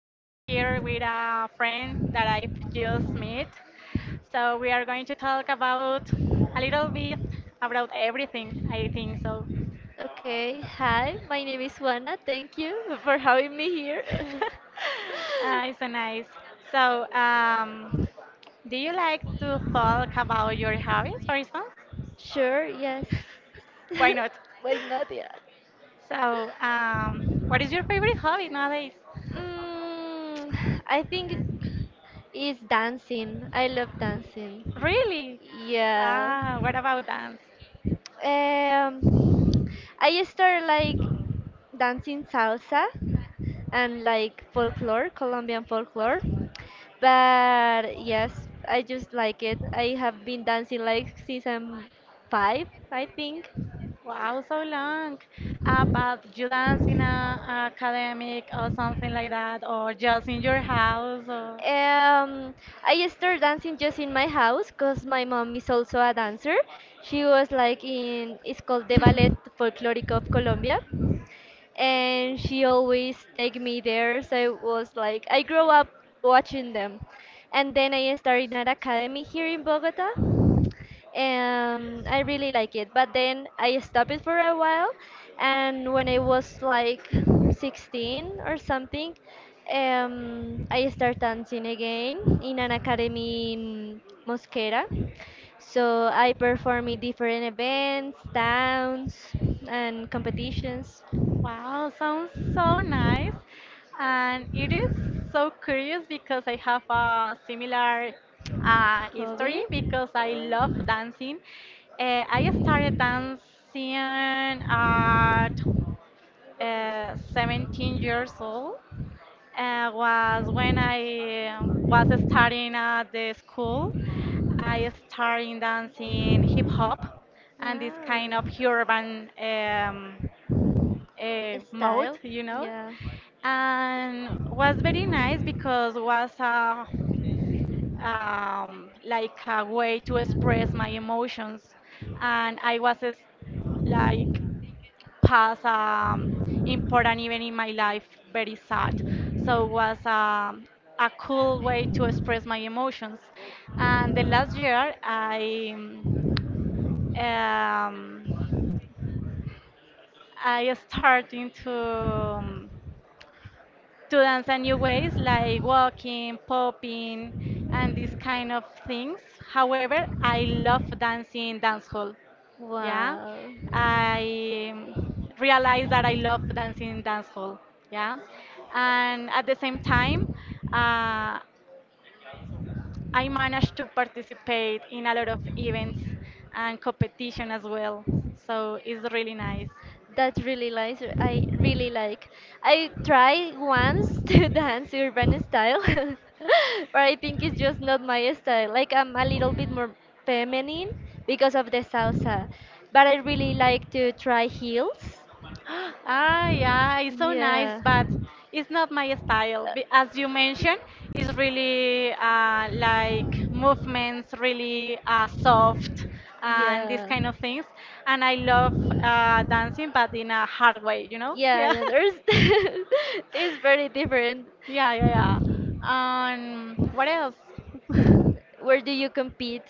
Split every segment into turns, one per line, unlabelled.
We are here with a friend that I've just met. So, we are going to talk about a little bit about everything, I think so.
Okay, hi, my name is Juana. Thank you for having me here.
It's so nice. So, do you like to talk about your hobbies, for instance?
Sure, yes.
Why not?
Why not? Yeah.
So, what is your favorite hobby nowadays?
I think it's dancing. I love dancing.
Really?
Yeah.
Ah, what about dance?
Um, I started like dancing salsa and like folklore, Colombian folklore. But yes, I just like it. I have been dancing like since I'm five, I think.
Wow, so long. But you dance in a academic or something like that, or just in your house, or
Um, I started dancing just in my house because my mom is also a dancer. She was like in, it's called the Ballet Folklorico of Colombia. And she always take me there. So it was like I grew up watching them, and then I started an academy here in Bogota. I really like it, but then I stopped it for a while, and when I was like 16 or something, I start dancing again in an academy in Mosquera. So I perform in different events, towns, and competitions.
wow, sounds so nice. And it is so curious because I have a similar
Hobby?
history because I love
Oh,
dancing. I started dancing at 17 years old. Was when I was studying at the school. I started dancing hip hop and this kind of
wow.
urban mode,
Style?
you know,
Yeah.
and was very nice because was a like a way to express my emotions, and like past important event in my life, very sad. So it was a cool way to express my emotions. And the last year, I started into to dance in new ways like walking, popping, and these kind of things. However, I love dancing dancehall. Yeah,
Wow.
I realized that I love dancing dancehall. Yeah, and at the same time, uh, I managed to participate in a lot of events and competition as well. So it's really nice.
That's really nice. I really like. I tried once to dance urban style, but I think it's just not my style. Like I'm a little bit more feminine because of the salsa, but I really like to try heels.
Ah, yeah, it's so nice,
Yeah.
but it's not my style. As you mentioned, it's really like movements, really soft, and these
Yeah,
kind of things. And I love dancing, but in a hard way, you know?
yeah, yeah. There's it's very different.
Yeah, yeah, yeah, yeah. What else?
Where do you compete?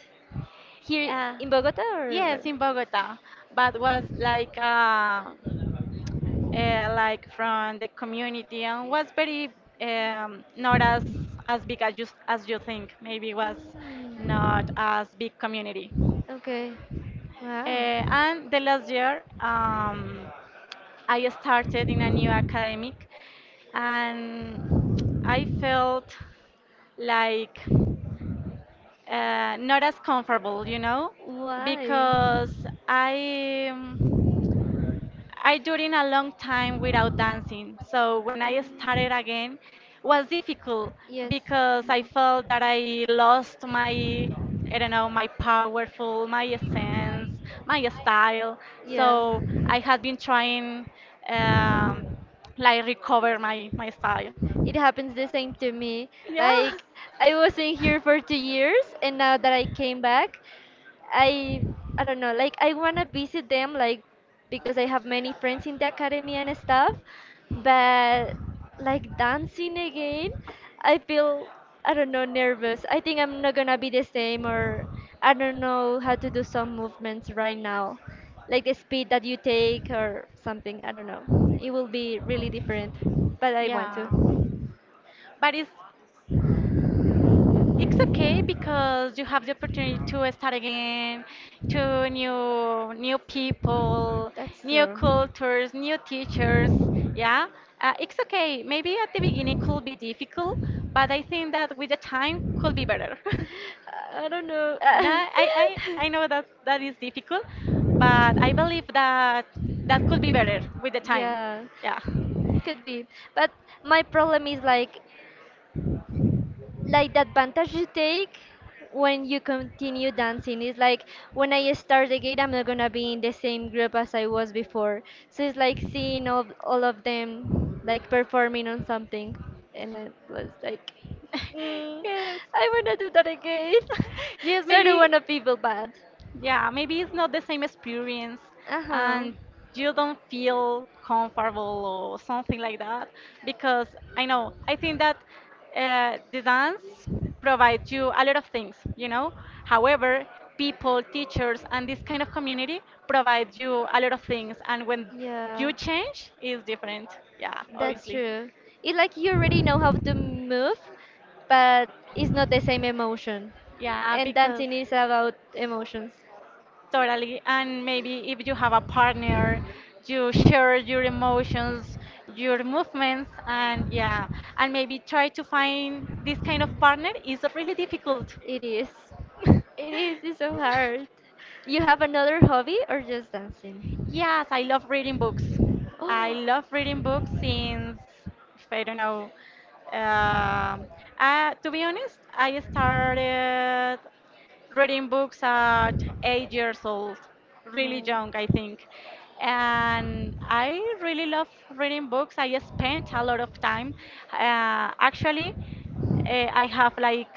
Here
Uh,
in Bogota, or
yes,
where?
in Bogota, but was like from the community and was very not as big as you think. Maybe was not
Mm,
as big community.
okay. Wow.
And the last year, I started in a new academic, and I felt like not as comfortable, you know,
Why?
because I during a long time without dancing. So when I
Mm,
started again, was difficult
yes.
because I
Mhm.
felt that I lost my, I don't know, my powerful, my essence, my style.
Yeah,
So I had been trying um, like recover my style.
it happens the same to me.
Yeah.
Like, I wasn't here for 2 years, and now that I came back, I I don't know, like I wanna visit them like because I have many friends in the academy and stuff, but like dancing again, I feel I don't know nervous. I think I'm not gonna be the same or I don't know how to do some movements right now. Like the speed that you take or something, I don't know. It will be really different, but I want to.
Yeah. But it's okay because you have the opportunity to start again, to new people,
That's
new
true.
cultures, new teachers. Yeah, it's okay. Maybe at the beginning could be difficult, but I think that with the time could be better.
I don't know.
and I, I, I I know that that is difficult, but I believe that that could be better with the time.
Yeah,
Yeah.
could be. But my problem is like the advantage you take when you continue dancing is like when I start again, I'm not gonna be in the same group as I was before. So it's like seeing all of them like performing on something, and I was like, mm,
yes.
I wanna do that again.
yes,
So I don't
maybe.
wanna people bad.
Yeah, maybe it's not the same experience
Uh huh.
and you don't feel comfortable or something like that because I know, I think that the dance provides you a lot of things, you know. However, people, teachers, and this kind of community provide you a lot of things, and when
Yeah.
you change, it's different. Yeah,
That's
obviously.
true. It's like you already know how to move, but it's not the same emotion.
Yeah,
And
because
dancing is about emotions.
totally. And maybe if you have a partner, you share your emotions, your movements, and yeah, and maybe try to find this kind of partner is really difficult.
It is. It is. It's so hard. You have another hobby or just dancing?
Yes, I love reading books. I
Oh,
love reading books since, if I don't know, um to be honest, I started reading books at 8 years old, really
no.
young, I think. And I really love reading books. I spent a lot of time. Actually, I have like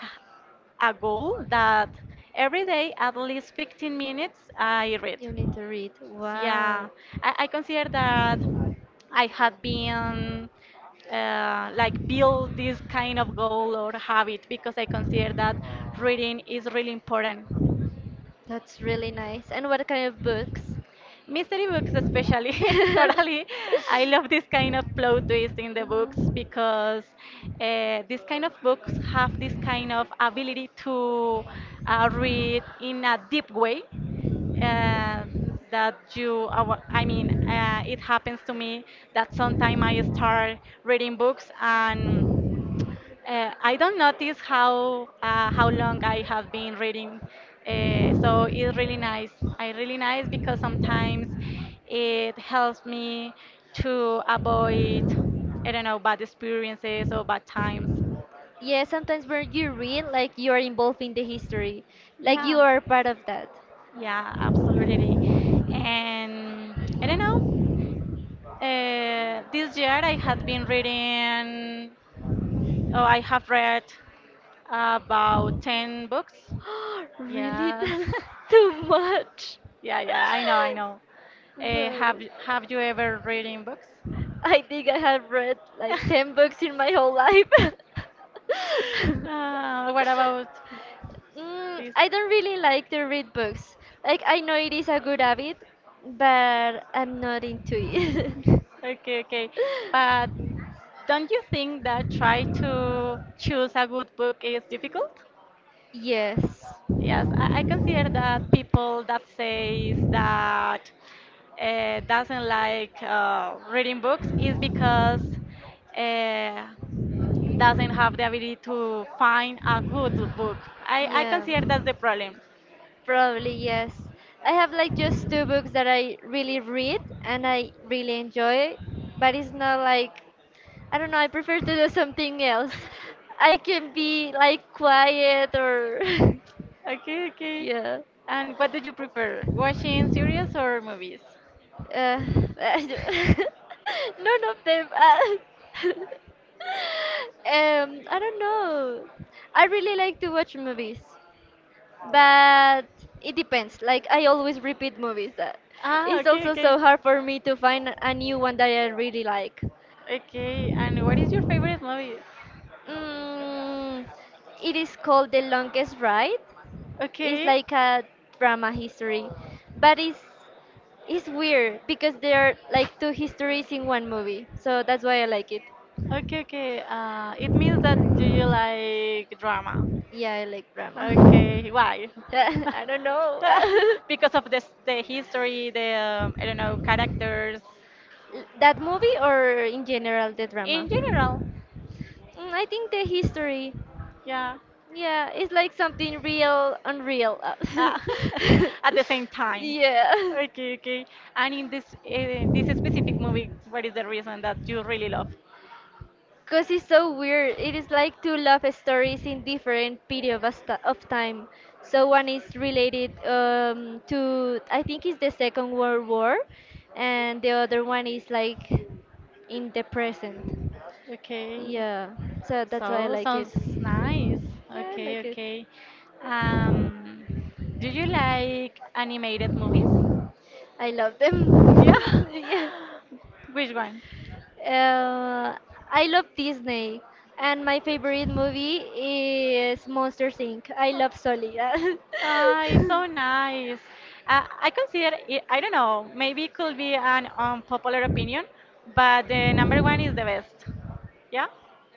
a goal that every day at least 15 minutes I read.
You need to read.
Yeah,
Wow.
I consider that I had been like build this kind of goal or habit because I consider that reading is really important.
That's really nice. And what kind of books?
Mystery books especially. Totally, I love this kind of plot twist in the books
Mhm.
because this kind of books have this kind of ability to read in a deep way, uh, that you I mean it happens to me that sometimes I start reading books and I don't notice how long I have been reading, so it's really nice. I really nice because sometimes it helps me to avoid, I don't know, bad experiences or bad times.
Yeah, sometimes when you read, like you are involved in the history, like
Yeah,
you are part of that.
yeah, absolutely. And I don't know. This year I had been reading, oh, I have read about 10 books.
Really?
Yes.
That's too much.
Yeah, yeah, I know, I know.
Well,
Have you ever read in books?
I think I have read like 10 books in my whole life.
What about this?
I don't really like to read books. Like, I know it is a good habit, but I'm not into it.
Okay, okay. But don't you think that try to choose a good book is difficult?
Yes.
Yes, I consider that people that says that doesn't like reading books is because uh, doesn't have the ability to find a good book. I
Yeah.
consider that's the problem.
Probably, yes. I have like just two books that I really read and I really enjoy, but it's not like I don't know, I prefer to do something else. I can be like quiet or
Okay, okay.
yeah.
And what do you prefer, watching series or movies?
Uh, none of them. I don't know. I really like to watch movies, but it depends. Like I always repeat movies.
Ah,
It's
okay,
also
okay.
so hard for me to find a new one that I really like.
Okay, and what is your favorite movie?
Mm, it is called The Longest Ride. It's
Okay,
like a drama history, but it's weird because there are like two histories in one movie. So that's why I like it.
okay, okay. It means that do you like drama?
Yeah, I like drama.
Okay, why?
I don't know.
Because of this, the history, the I don't know, characters.
That movie or in general the drama?
In general,
I think the history.
yeah.
Yeah, it's like something real, unreal.
Uh, at the same time.
Yeah.
Okay, okay. And in this specific movie, what is the reason that you really love?
Because it's so weird. It is like two love stories in different period of time. So one is related to, I think it's the Second World War, and the other one is like in the present.
Okay.
Yeah, so that's why I
So
like it.
sounds nice.
Yeah, I
Okay,
like it.
okay. Um, do you like animated movies?
I love them.
Yeah.
Yeah.
Which one?
Uh, I love Disney, and my favorite movie is Monsters Inc. I love Sully.
Ah, it's
Yeah.
so nice. I consider it, I don't know, maybe it could be an unpopular opinion, but the number one is the best. Yeah?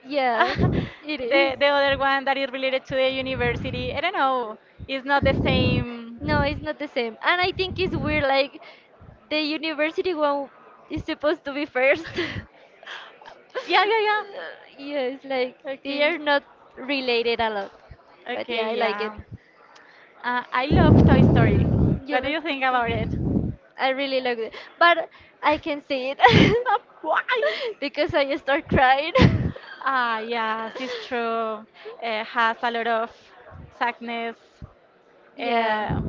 Yeah, it is.
The other one that is related to the university, I don't know, is not the same.
No, it's not the same. And I think it's weird, like, the university one is supposed to be first.
Yeah, yeah, yeah.
Uh, yeah, it's like, they
Okay.
are not related a lot. But yeah,
Okay,
I like it.
yeah. I love Toy Story.
You
What do
love
you
this
think about it?
one. I really like it. But I can say it
Why?
because I start crying.
Ah, yes, it's true. It has a lot of sadness
Yeah.
uh,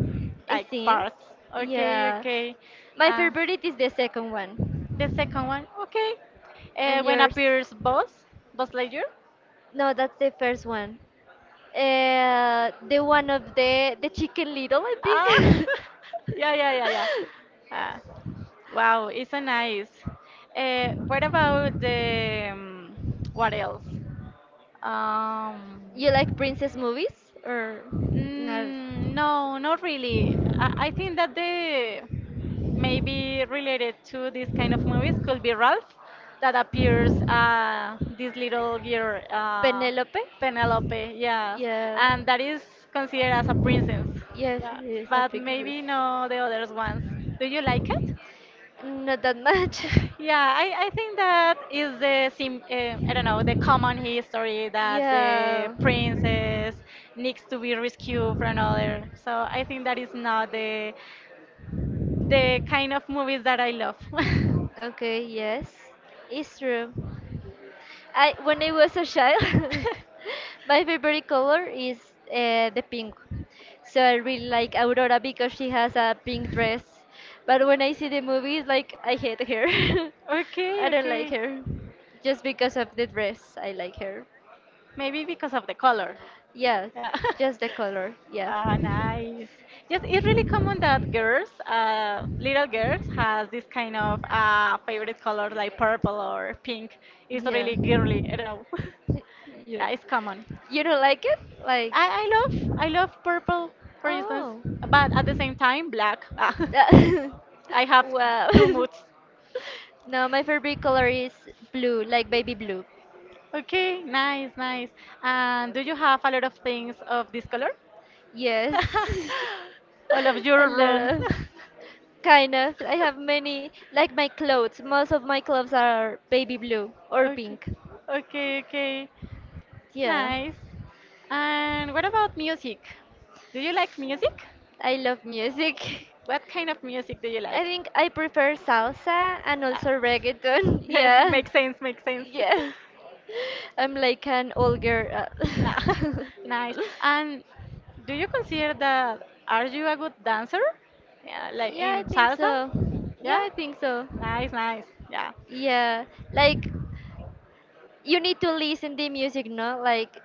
It
like
seems.
parts. Okay,
Yeah.
okay.
My
Uh,
favorite is the second one.
the second one, okay.
And
When
yours?
appears Buzz, Buzz Lightyear.
No, that's the first one. The one of the Chicken Little, I
Ah,
think.
yeah, yeah, yeah, yeah. Uh, wow, it's a nice. What about the What else? Um,
You like princess movies or not?
Mm, no, not really. I think that the maybe related to this kind of movies could be Ralph, that appears this little girl,
Penelope?
Penelope, yes,
Yeah.
and that is considered as a princess,
Yes,
yeah.
yes, I
But
think this.
maybe no the others ones. Do you like it?
Not that much.
Yeah, I think that is the sim I don't know, the common history that the
Yeah.
princess needs to be rescued from another. So I think that is not the kind of movies that I love.
Okay, yes. It's true. I when I was a child, my favorite color is the pink. So I really like Aurora because she has a pink dress. But when I see the movies, like I hate her.
Okay,
I don't like
okay,
her just because of the dress. I like her.
maybe because of the color.
Yeah,
Yeah.
just the color. Yeah,
Ah, nice. Yes, it's really common that girls, little girls, has this kind of favorite color like purple or pink. It's
yeah,
really girly. I don't know.
yeah.
Yeah, it's common.
You don't like it? Like,
I love purple, for instance,
oh,
but at the same time, black. Ah, I have
wow.
two moods.
No, my favorite color is blue, like baby blue.
Okay, nice, nice. And do you have a lot of things of this color?
Yes.
All of
A
your
lot
room.
of. Kind of. I have many, like my clothes. Most of my clothes are baby blue or
Okay,
pink.
okay, okay.
Yeah.
Nice. And what about music? Do you like music?
I love music.
What kind of music do you
I
like?
think I prefer salsa and
Ah.
also reggaeton. Yeah.
Makes sense, makes sense.
Yeah. I'm like an old girl.
Ah,
uh.
nice. And do you consider that are you a good dancer? Yeah, like
Yeah, I
in
think
salsa?
so. Yeah,
Yeah?
I think so.
Nice, nice. Yeah.
Yeah, like you need to listen the music. No, like,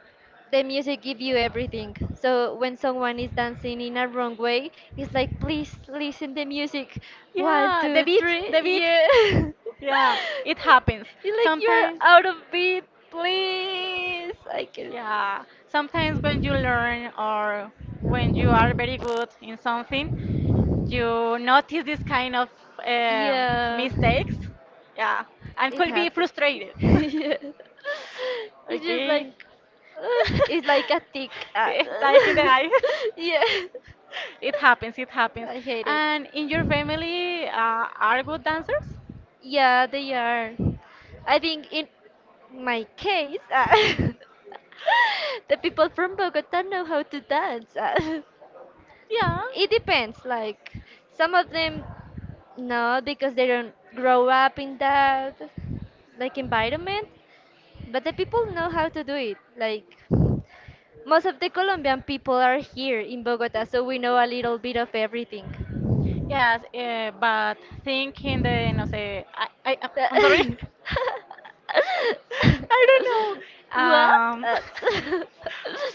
the music give you everything, so when someone is dancing in a wrong way, it's like, please listen the music. One
Yeah, the
two
beat,
three.
the beat.
Yeah.
Yeah, it happens.
It's like you're
Sometimes,
out of beat. Please, I can.
yeah, sometimes when you learn or when you are very good in something, you notice this kind of
Yeah,
mistakes. Yeah, and
it
could be
happens.
frustrated.
Yeah, it's just like
Okay.
it's like a tick.
Like in the eye.
Yeah,
It happens, it happens.
I hate it.
And in your family, are good dancers?
Yeah, they are. I think in my case, the people from Bogota know how to dance.
Yeah.
It depends. Like some of them, no, because they don't grow up in that like environment. But the people know how to do it. Like most of the Colombian people are here in Bogota, so we know a little bit of everything.
Yes, but thinking the no sé, I I'm sorry, I don't know.
What?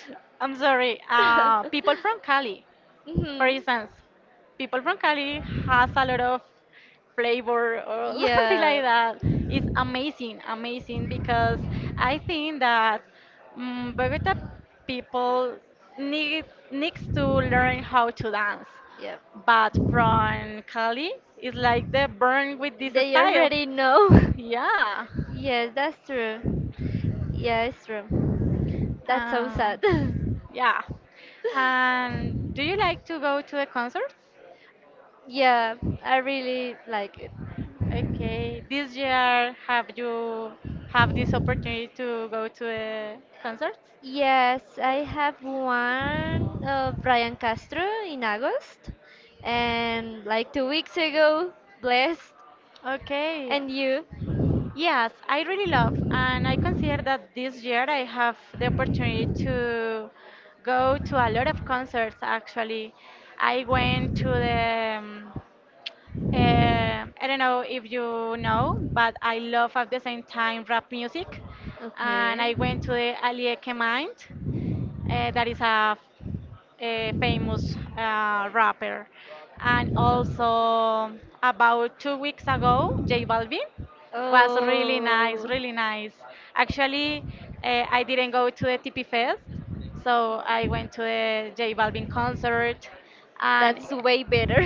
I'm sorry. People from Cali, for
Mhm.
instance, people from Cali has a lot of flavor or something
Yeah,
like that. It's amazing, amazing because I think that Bogota people need needs to learn how to dance.
yeah.
But from Cali, it's like they burn with this
They
style.
already know.
Yeah.
Yes, that's true. Yeah, it's true. That's so sad.
Um, yeah. And do you like to go to a concert?
Yeah, I really like it.
Okay, this year have you have this opportunity to go to a concert?
Yes, I have one of Brian Castro in August, and like 2 weeks ago, Blessed.
Okay.
And you?
Yes, I really love, and I consider that this year I have the opportunity to go to a lot of concerts actually. I went to the, I don't know if you know, but I love at the same time rap music, and
Okay.
I went to the Alieke Mind that is a famous rapper. And also, about 2 weeks ago, J Balvin was really nice,
Oh,
really nice. Actually, I didn't go to the TP Fest, so I went to the J Balvin concert, and
that's way better.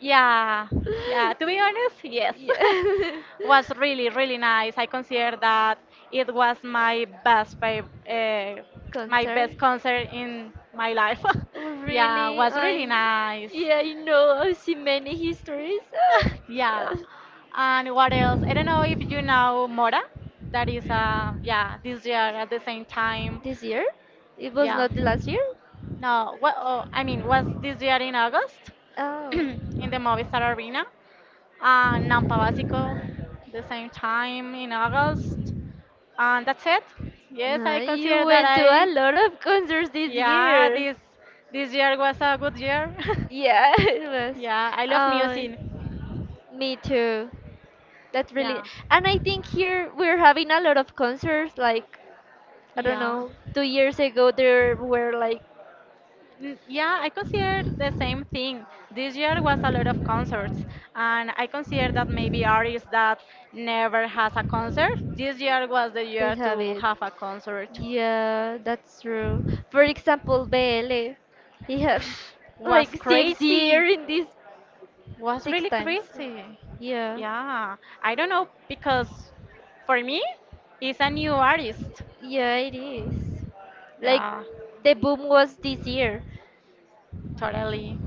yeah, yeah, to be honest, yes.
Yeah.
Was really, really nice. I consider that it was uh, my
Concert?
best concert in my life.
Oh,
Yeah,
really?
was really
I.
nice.
Yeah, I know. I see many histories.
Yeah.
Uh,
And what else? I don't know if you know Mora. That is this year at the same time.
this year? It was
Yeah.
not the last year?
No, what oh, I mean was this year in August
Oh.
in the Movistar Arena. Nampa Básico, the same time in August, and that's it. Yes,
No,
I
you
consider that
went to a lot of concerts this
yeah,
year.
this year was a good year.
Yeah, it was.
Yeah, I love
Uh,
music.
me too. That's really,
Yeah,
and I think here we're having a lot of concerts. Like I don't
yeah.
know, 2 years ago there were like
Yeah, I consider the same thing. This year was a lot of concerts, and I consider that maybe artists that never has a concert, this year was the
they
year
have
to
it.
have a concert.
Yeah, that's true. For example, BL, he have
Was
like six
crazy.
year in this
Was
six
really
times.
crazy.
Yeah,
Yeah, I don't know because for me, it's a new artist.
yeah, it is. Like
Yeah,
the boom was this year.
totally.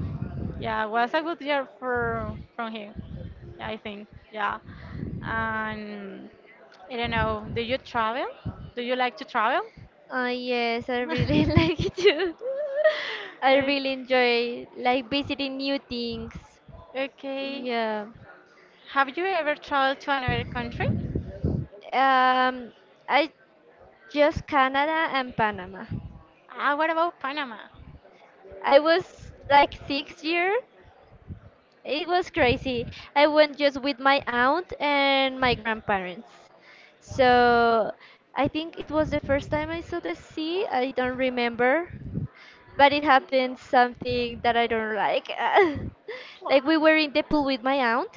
Yeah, was a good year for from him. Yeah, I think. Yeah, and I don't know. Do you travel? Do you like to travel?
Ah, yes, I really like it too. I
Okay.
really enjoy like visiting new things.
Okay.
Yeah.
Have you ever traveled to another country?
Um, I just Canada and Panama.
Ah, what about Panama?
I was like 6 year, it was crazy. I went just with my aunt and my grandparents. So I think it was the first time I saw the sea. I don't remember. But it happened something that I don't like.
Why?
Like we were in the pool with my aunt,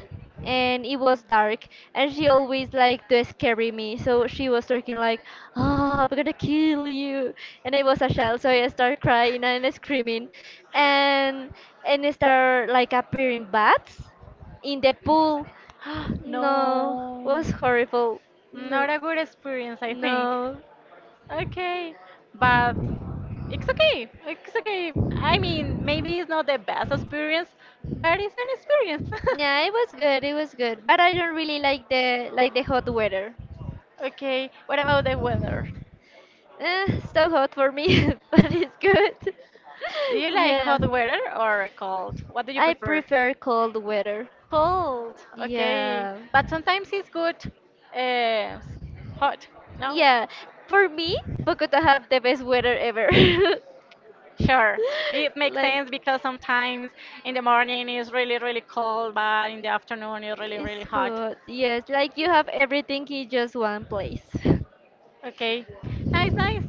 and it was dark, and she always liked to scare me. So she was talking like, "Oh, I'm gonna kill you." And I was a child, so I started crying and screaming. And and start like appearing bats in the pool. No,
No.
was horrible. No,
Not a good experience, I think.
no.
Okay, but it's okay. It's okay. I mean, maybe it's not the best experience, but it's an experience.
Yeah, it was good. It was good, but I don't really like the hot weather.
Okay, what about the weather?
So hot for me, but it's good.
Do you like
Yeah,
hot weather or cold? What do you
I
prefer?
prefer cold weather.
Cold, okay.
Yeah,
But sometimes it's good, uh, s- hot, no?
yeah. For me, Bogota have the best weather ever.
Sure, it makes
Like
sense because sometimes in the morning it's really, really cold, but in the afternoon it's really, really
it's
hot.
good. Yes, like you have everything in just one place.
Okay, nice, nice.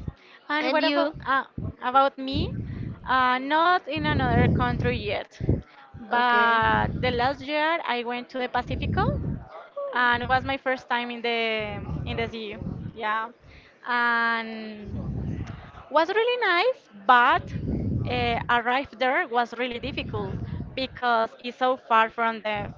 And
And
what
you?
about me? Not in another country yet,
Okay.
but the last year I went to the Pacifico, and it was my first time in the sea. Yeah, and was really nice, but arrived there was really difficult because it's so far from the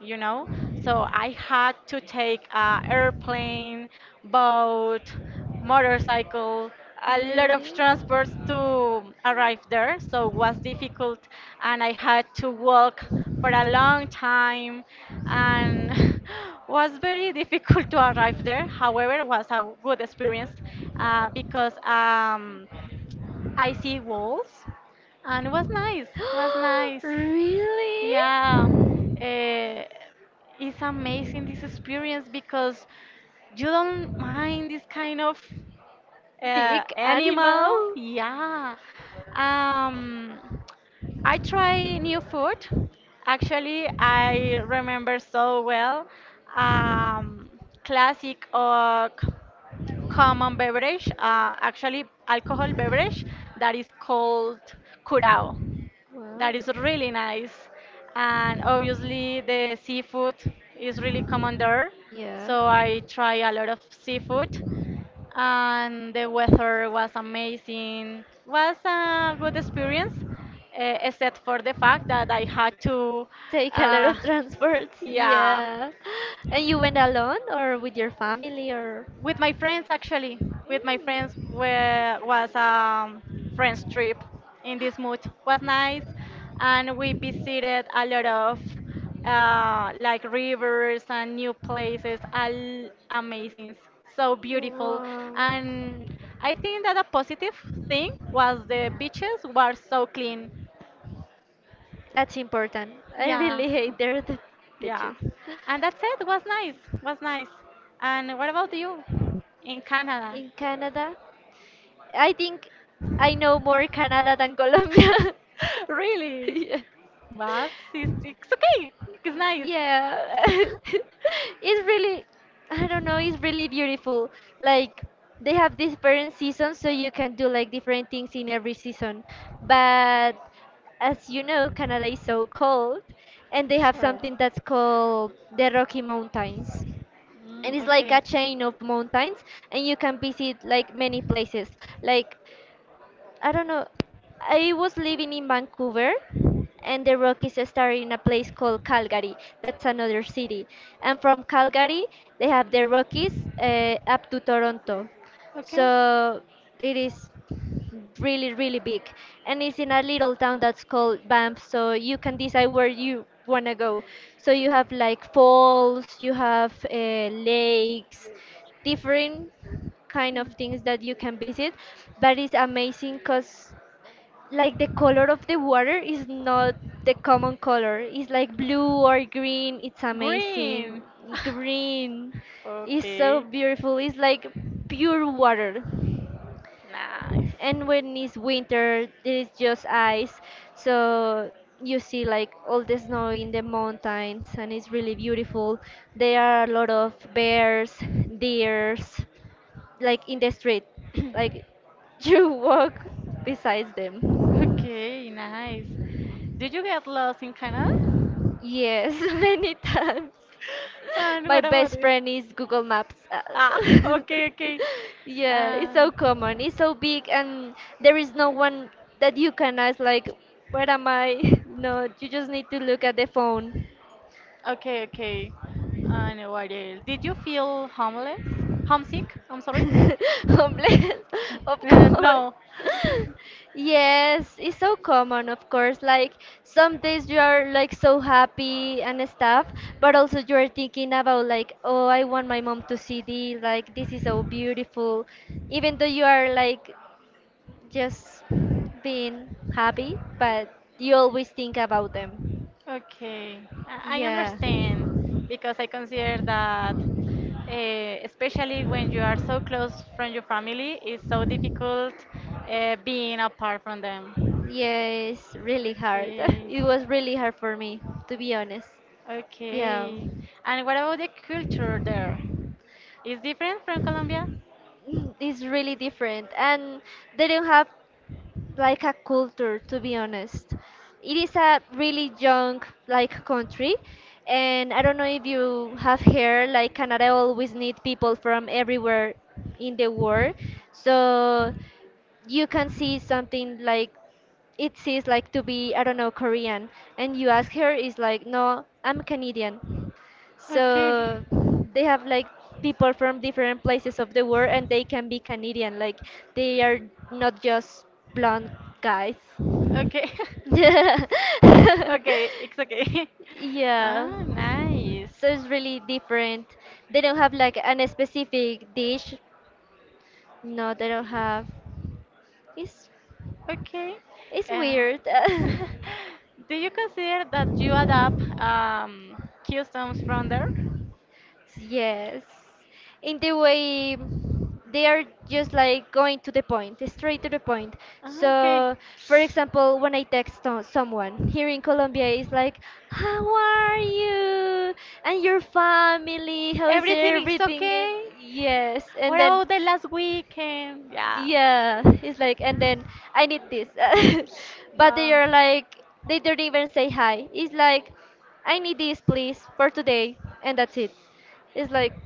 you know. So I had to take airplane, boat, motorcycle, a lot of
Really?
transports to arrive there. So it was difficult, and I had to walk for a long time, and was very difficult to arrive there. However, it was a good experience because I see walls, and it was nice. Was nice.
Really?
Yeah, eh, it's amazing this experience because you don't mind this kind of
Big
animal.
animal?
Yeah. Um, I try new food. Actually, I remember so well um, classic or common beverage, actually alcohol beverage that is called curao. That is really
Wow.
nice. And obviously, the seafood is really common there.
Yeah.
So I try a lot of seafood. And the weather was amazing. Was a good experience, except for the fact that I had to,
Take a lot
uh,
of transports.
yeah,
Yeah. And you went alone or with your family or?
with my friends, actually, with my friends, where was a friends trip in this mood was nice, and we visited a lot of like rivers and new places, all amazing, so beautiful.
Wow,
And I think that a positive thing was the beaches were so clean.
that's important. I
Yeah,
really hate their the
yeah,
bitches.
and that's it. Was nice, was nice. And what about you in Canada?
In Canada, I think I know more Canada than Colombia.
Really?
Yeah.
But it's okay. It's nice.
Yeah, it's really, I don't know, it's really beautiful. Like they have different seasons, so you can do like different things in every season, but as you know, Canada is so cold, and they have
Sure.
something that's called the Rocky Mountains. And
Mm,
it's like
okay.
a chain of mountains, and you can visit like many places, like I don't know. I was living in Vancouver, and the Rockies started in a place called Calgary. That's another city. And from Calgary, they have the Rockies up to Toronto.
Okay.
So it is really, really big. And it's in a little town that's called Banff, so you can decide where you want to go. So you have like falls, you have lakes, different kind of things that you can visit. But it's amazing because like the color of the water is not the common color. It's like blue or green. It's amazing.
Green.
Green is so
Okay.
beautiful. It's like pure water.
Nice.
And when it's winter, it's just ice. So you see like all the snow in the mountains and it's really beautiful. There are a lot of bears, deers, like in the street, like you walk besides them.
Okay, nice. Did you get lost in Canada?
Yes, many times.
And
My
what about
best
this?
friend is Google Maps.
Ah, okay, okay.
Yeah, it's so
Um,
common, it's so big, and there is no one that you can ask, like, where am I? No, you just need to look at the phone.
okay, okay. And what else? Did you feel homeless? Homesick? I'm sorry.
Homeless, of course.
No.
Yes, it's so common, of course. Like some days you are like so happy and stuff, but also you are thinking about like, oh, I want my mom to see this. Like this is so beautiful, even though you are like just being happy, but you always think about them.
Okay, I
Yeah,
understand because I consider that, especially when you are so close from your family, it's so difficult being apart from them.
yeah, it's really hard.
Okay,
It was really hard for me, to be honest. Yeah.
okay. And what about the culture there? Is different from Colombia?
Mm, it's really different, and they don't have like a culture, to be honest. It is a really young, like, country, and I don't know if you have heard, like, Canada always need people from everywhere in the world. So you can see something like it seems like to be, I don't know, Korean, and you ask her, is like, no, I'm Canadian. So
Okay.
they have like people from different places of the world and they can be Canadian, like they are not just blonde guys.
Okay. Okay, it's okay.
Yeah.
Ah, nice.
So it's really different. They don't have like an specific dish. No, they don't have. It's
Okay.
it's
Uh,
weird.
do you consider that you adapt customs from there?
Yes. In the way they are just like going to the point, straight to the point.
Ah, okay.
So, for example, when I text to- someone here in Colombia, it's like, how are you? And your family? How is
Everything is
everything? And
okay?
yes.
What
And then
about the last weekend? Yeah.
yeah, it's like, and then I need this. But they are like, they don't even say hi. It's like, I need this, please, for today, and that's it. It's like,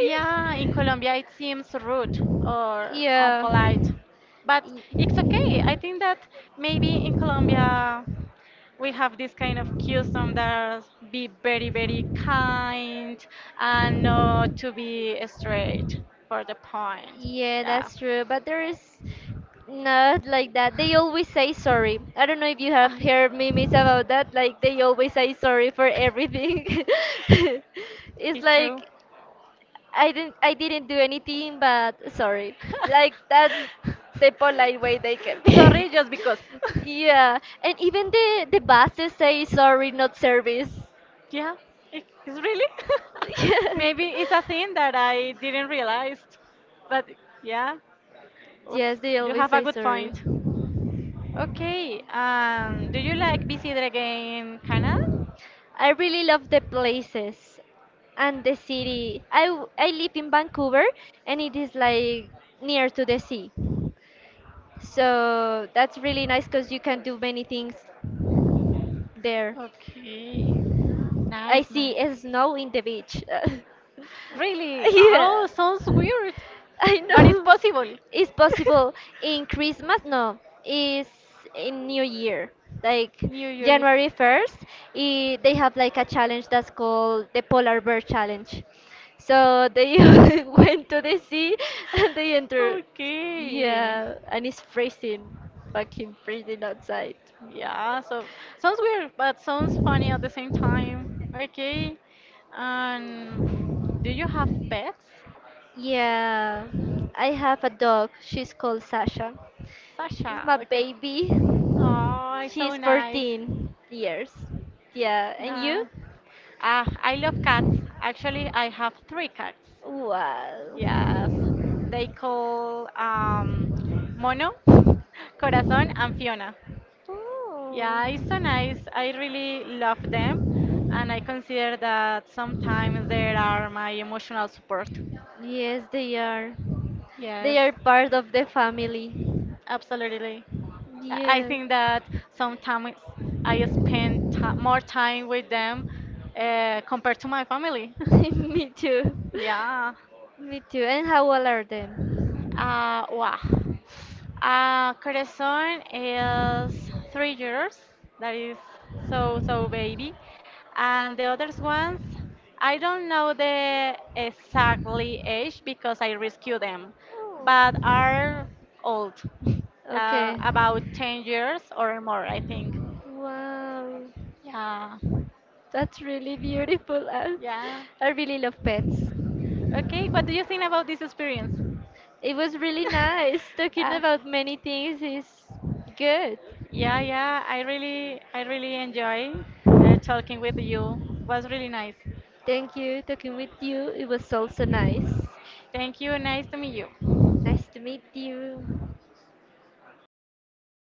Yeah, in Colombia it seems rude or
Yeah.
unpolite, but it's okay. I think that maybe in Colombia we have this kind of custom that be very, very kind and not to be straight for the point.
Yeah,
Yeah.
that's true. But there is not like that. They always say sorry. I don't know if you have
I-
heard memes about that. Like they always say sorry for everything. It's
It's true.
like I didn't do anything but sorry. Like that's the polite way they can be.
Sorry, just because.
Yeah. And even the buses say sorry not service.
Yeah, it's really.
Yeah.
Maybe it's a thing that I didn't realize. But yeah, oof,
Yes, they
you
always
have a
say
good
sorry.
point. Okay. Do you like visit again Canada?
I really love the places and the city. I w- I live in Vancouver and it is like near to the sea. So that's really nice because you can do many things there.
Okay.
I
Nice,
see
nice.
snow in the beach.
Really? Oh,
Yeah.
sounds weird,
I
but it's
know.
possible.
It's possible in Christmas. No, it's in New Year. Like
New Year.
January 1st, I- they have like a challenge that's called the Polar Bear Challenge. So they went to the sea and they entered.
Okay.
Yeah, and it's freezing, fucking freezing outside.
Yeah, so sounds weird, but sounds funny at the same time. Okay. And do you have pets?
Yeah, I have a dog. She's called Sasha. It's
Sasha,
my
okay.
baby.
Oh, it's so
She's
nice.
14 years. Yeah, and you?
Nah. Ah, I love cats. Actually, I have three cats. Yes.
Wow.
They call Mono, Corazon, and Fiona.
Oh.
Yeah, it's so nice. I really love them, and I consider that sometimes they are my emotional support.
Yes, they are. They
Yes,
are part of the family.
absolutely. I
Yes.
think that sometimes I spend ti more time with them compared to my family.
Me too.
Yeah.
Me too. And how old are them?
Wow. Corazon is 3 years. That is so, so baby. And the other ones, I don't know the exactly age because I rescue them, but are old,
Okay.
about 10 years or more, I think.
Wow.
Yeah.
That's really beautiful.
Yeah.
I really love pets.
Okay, what do you think about this experience?
It was really nice talking
uh,
about many things is good.
Yeah, yeah, I really enjoy talking with you. Was really nice.
Thank you talking with you. It was also nice.
Thank you. Nice to meet you.
Nice to meet you.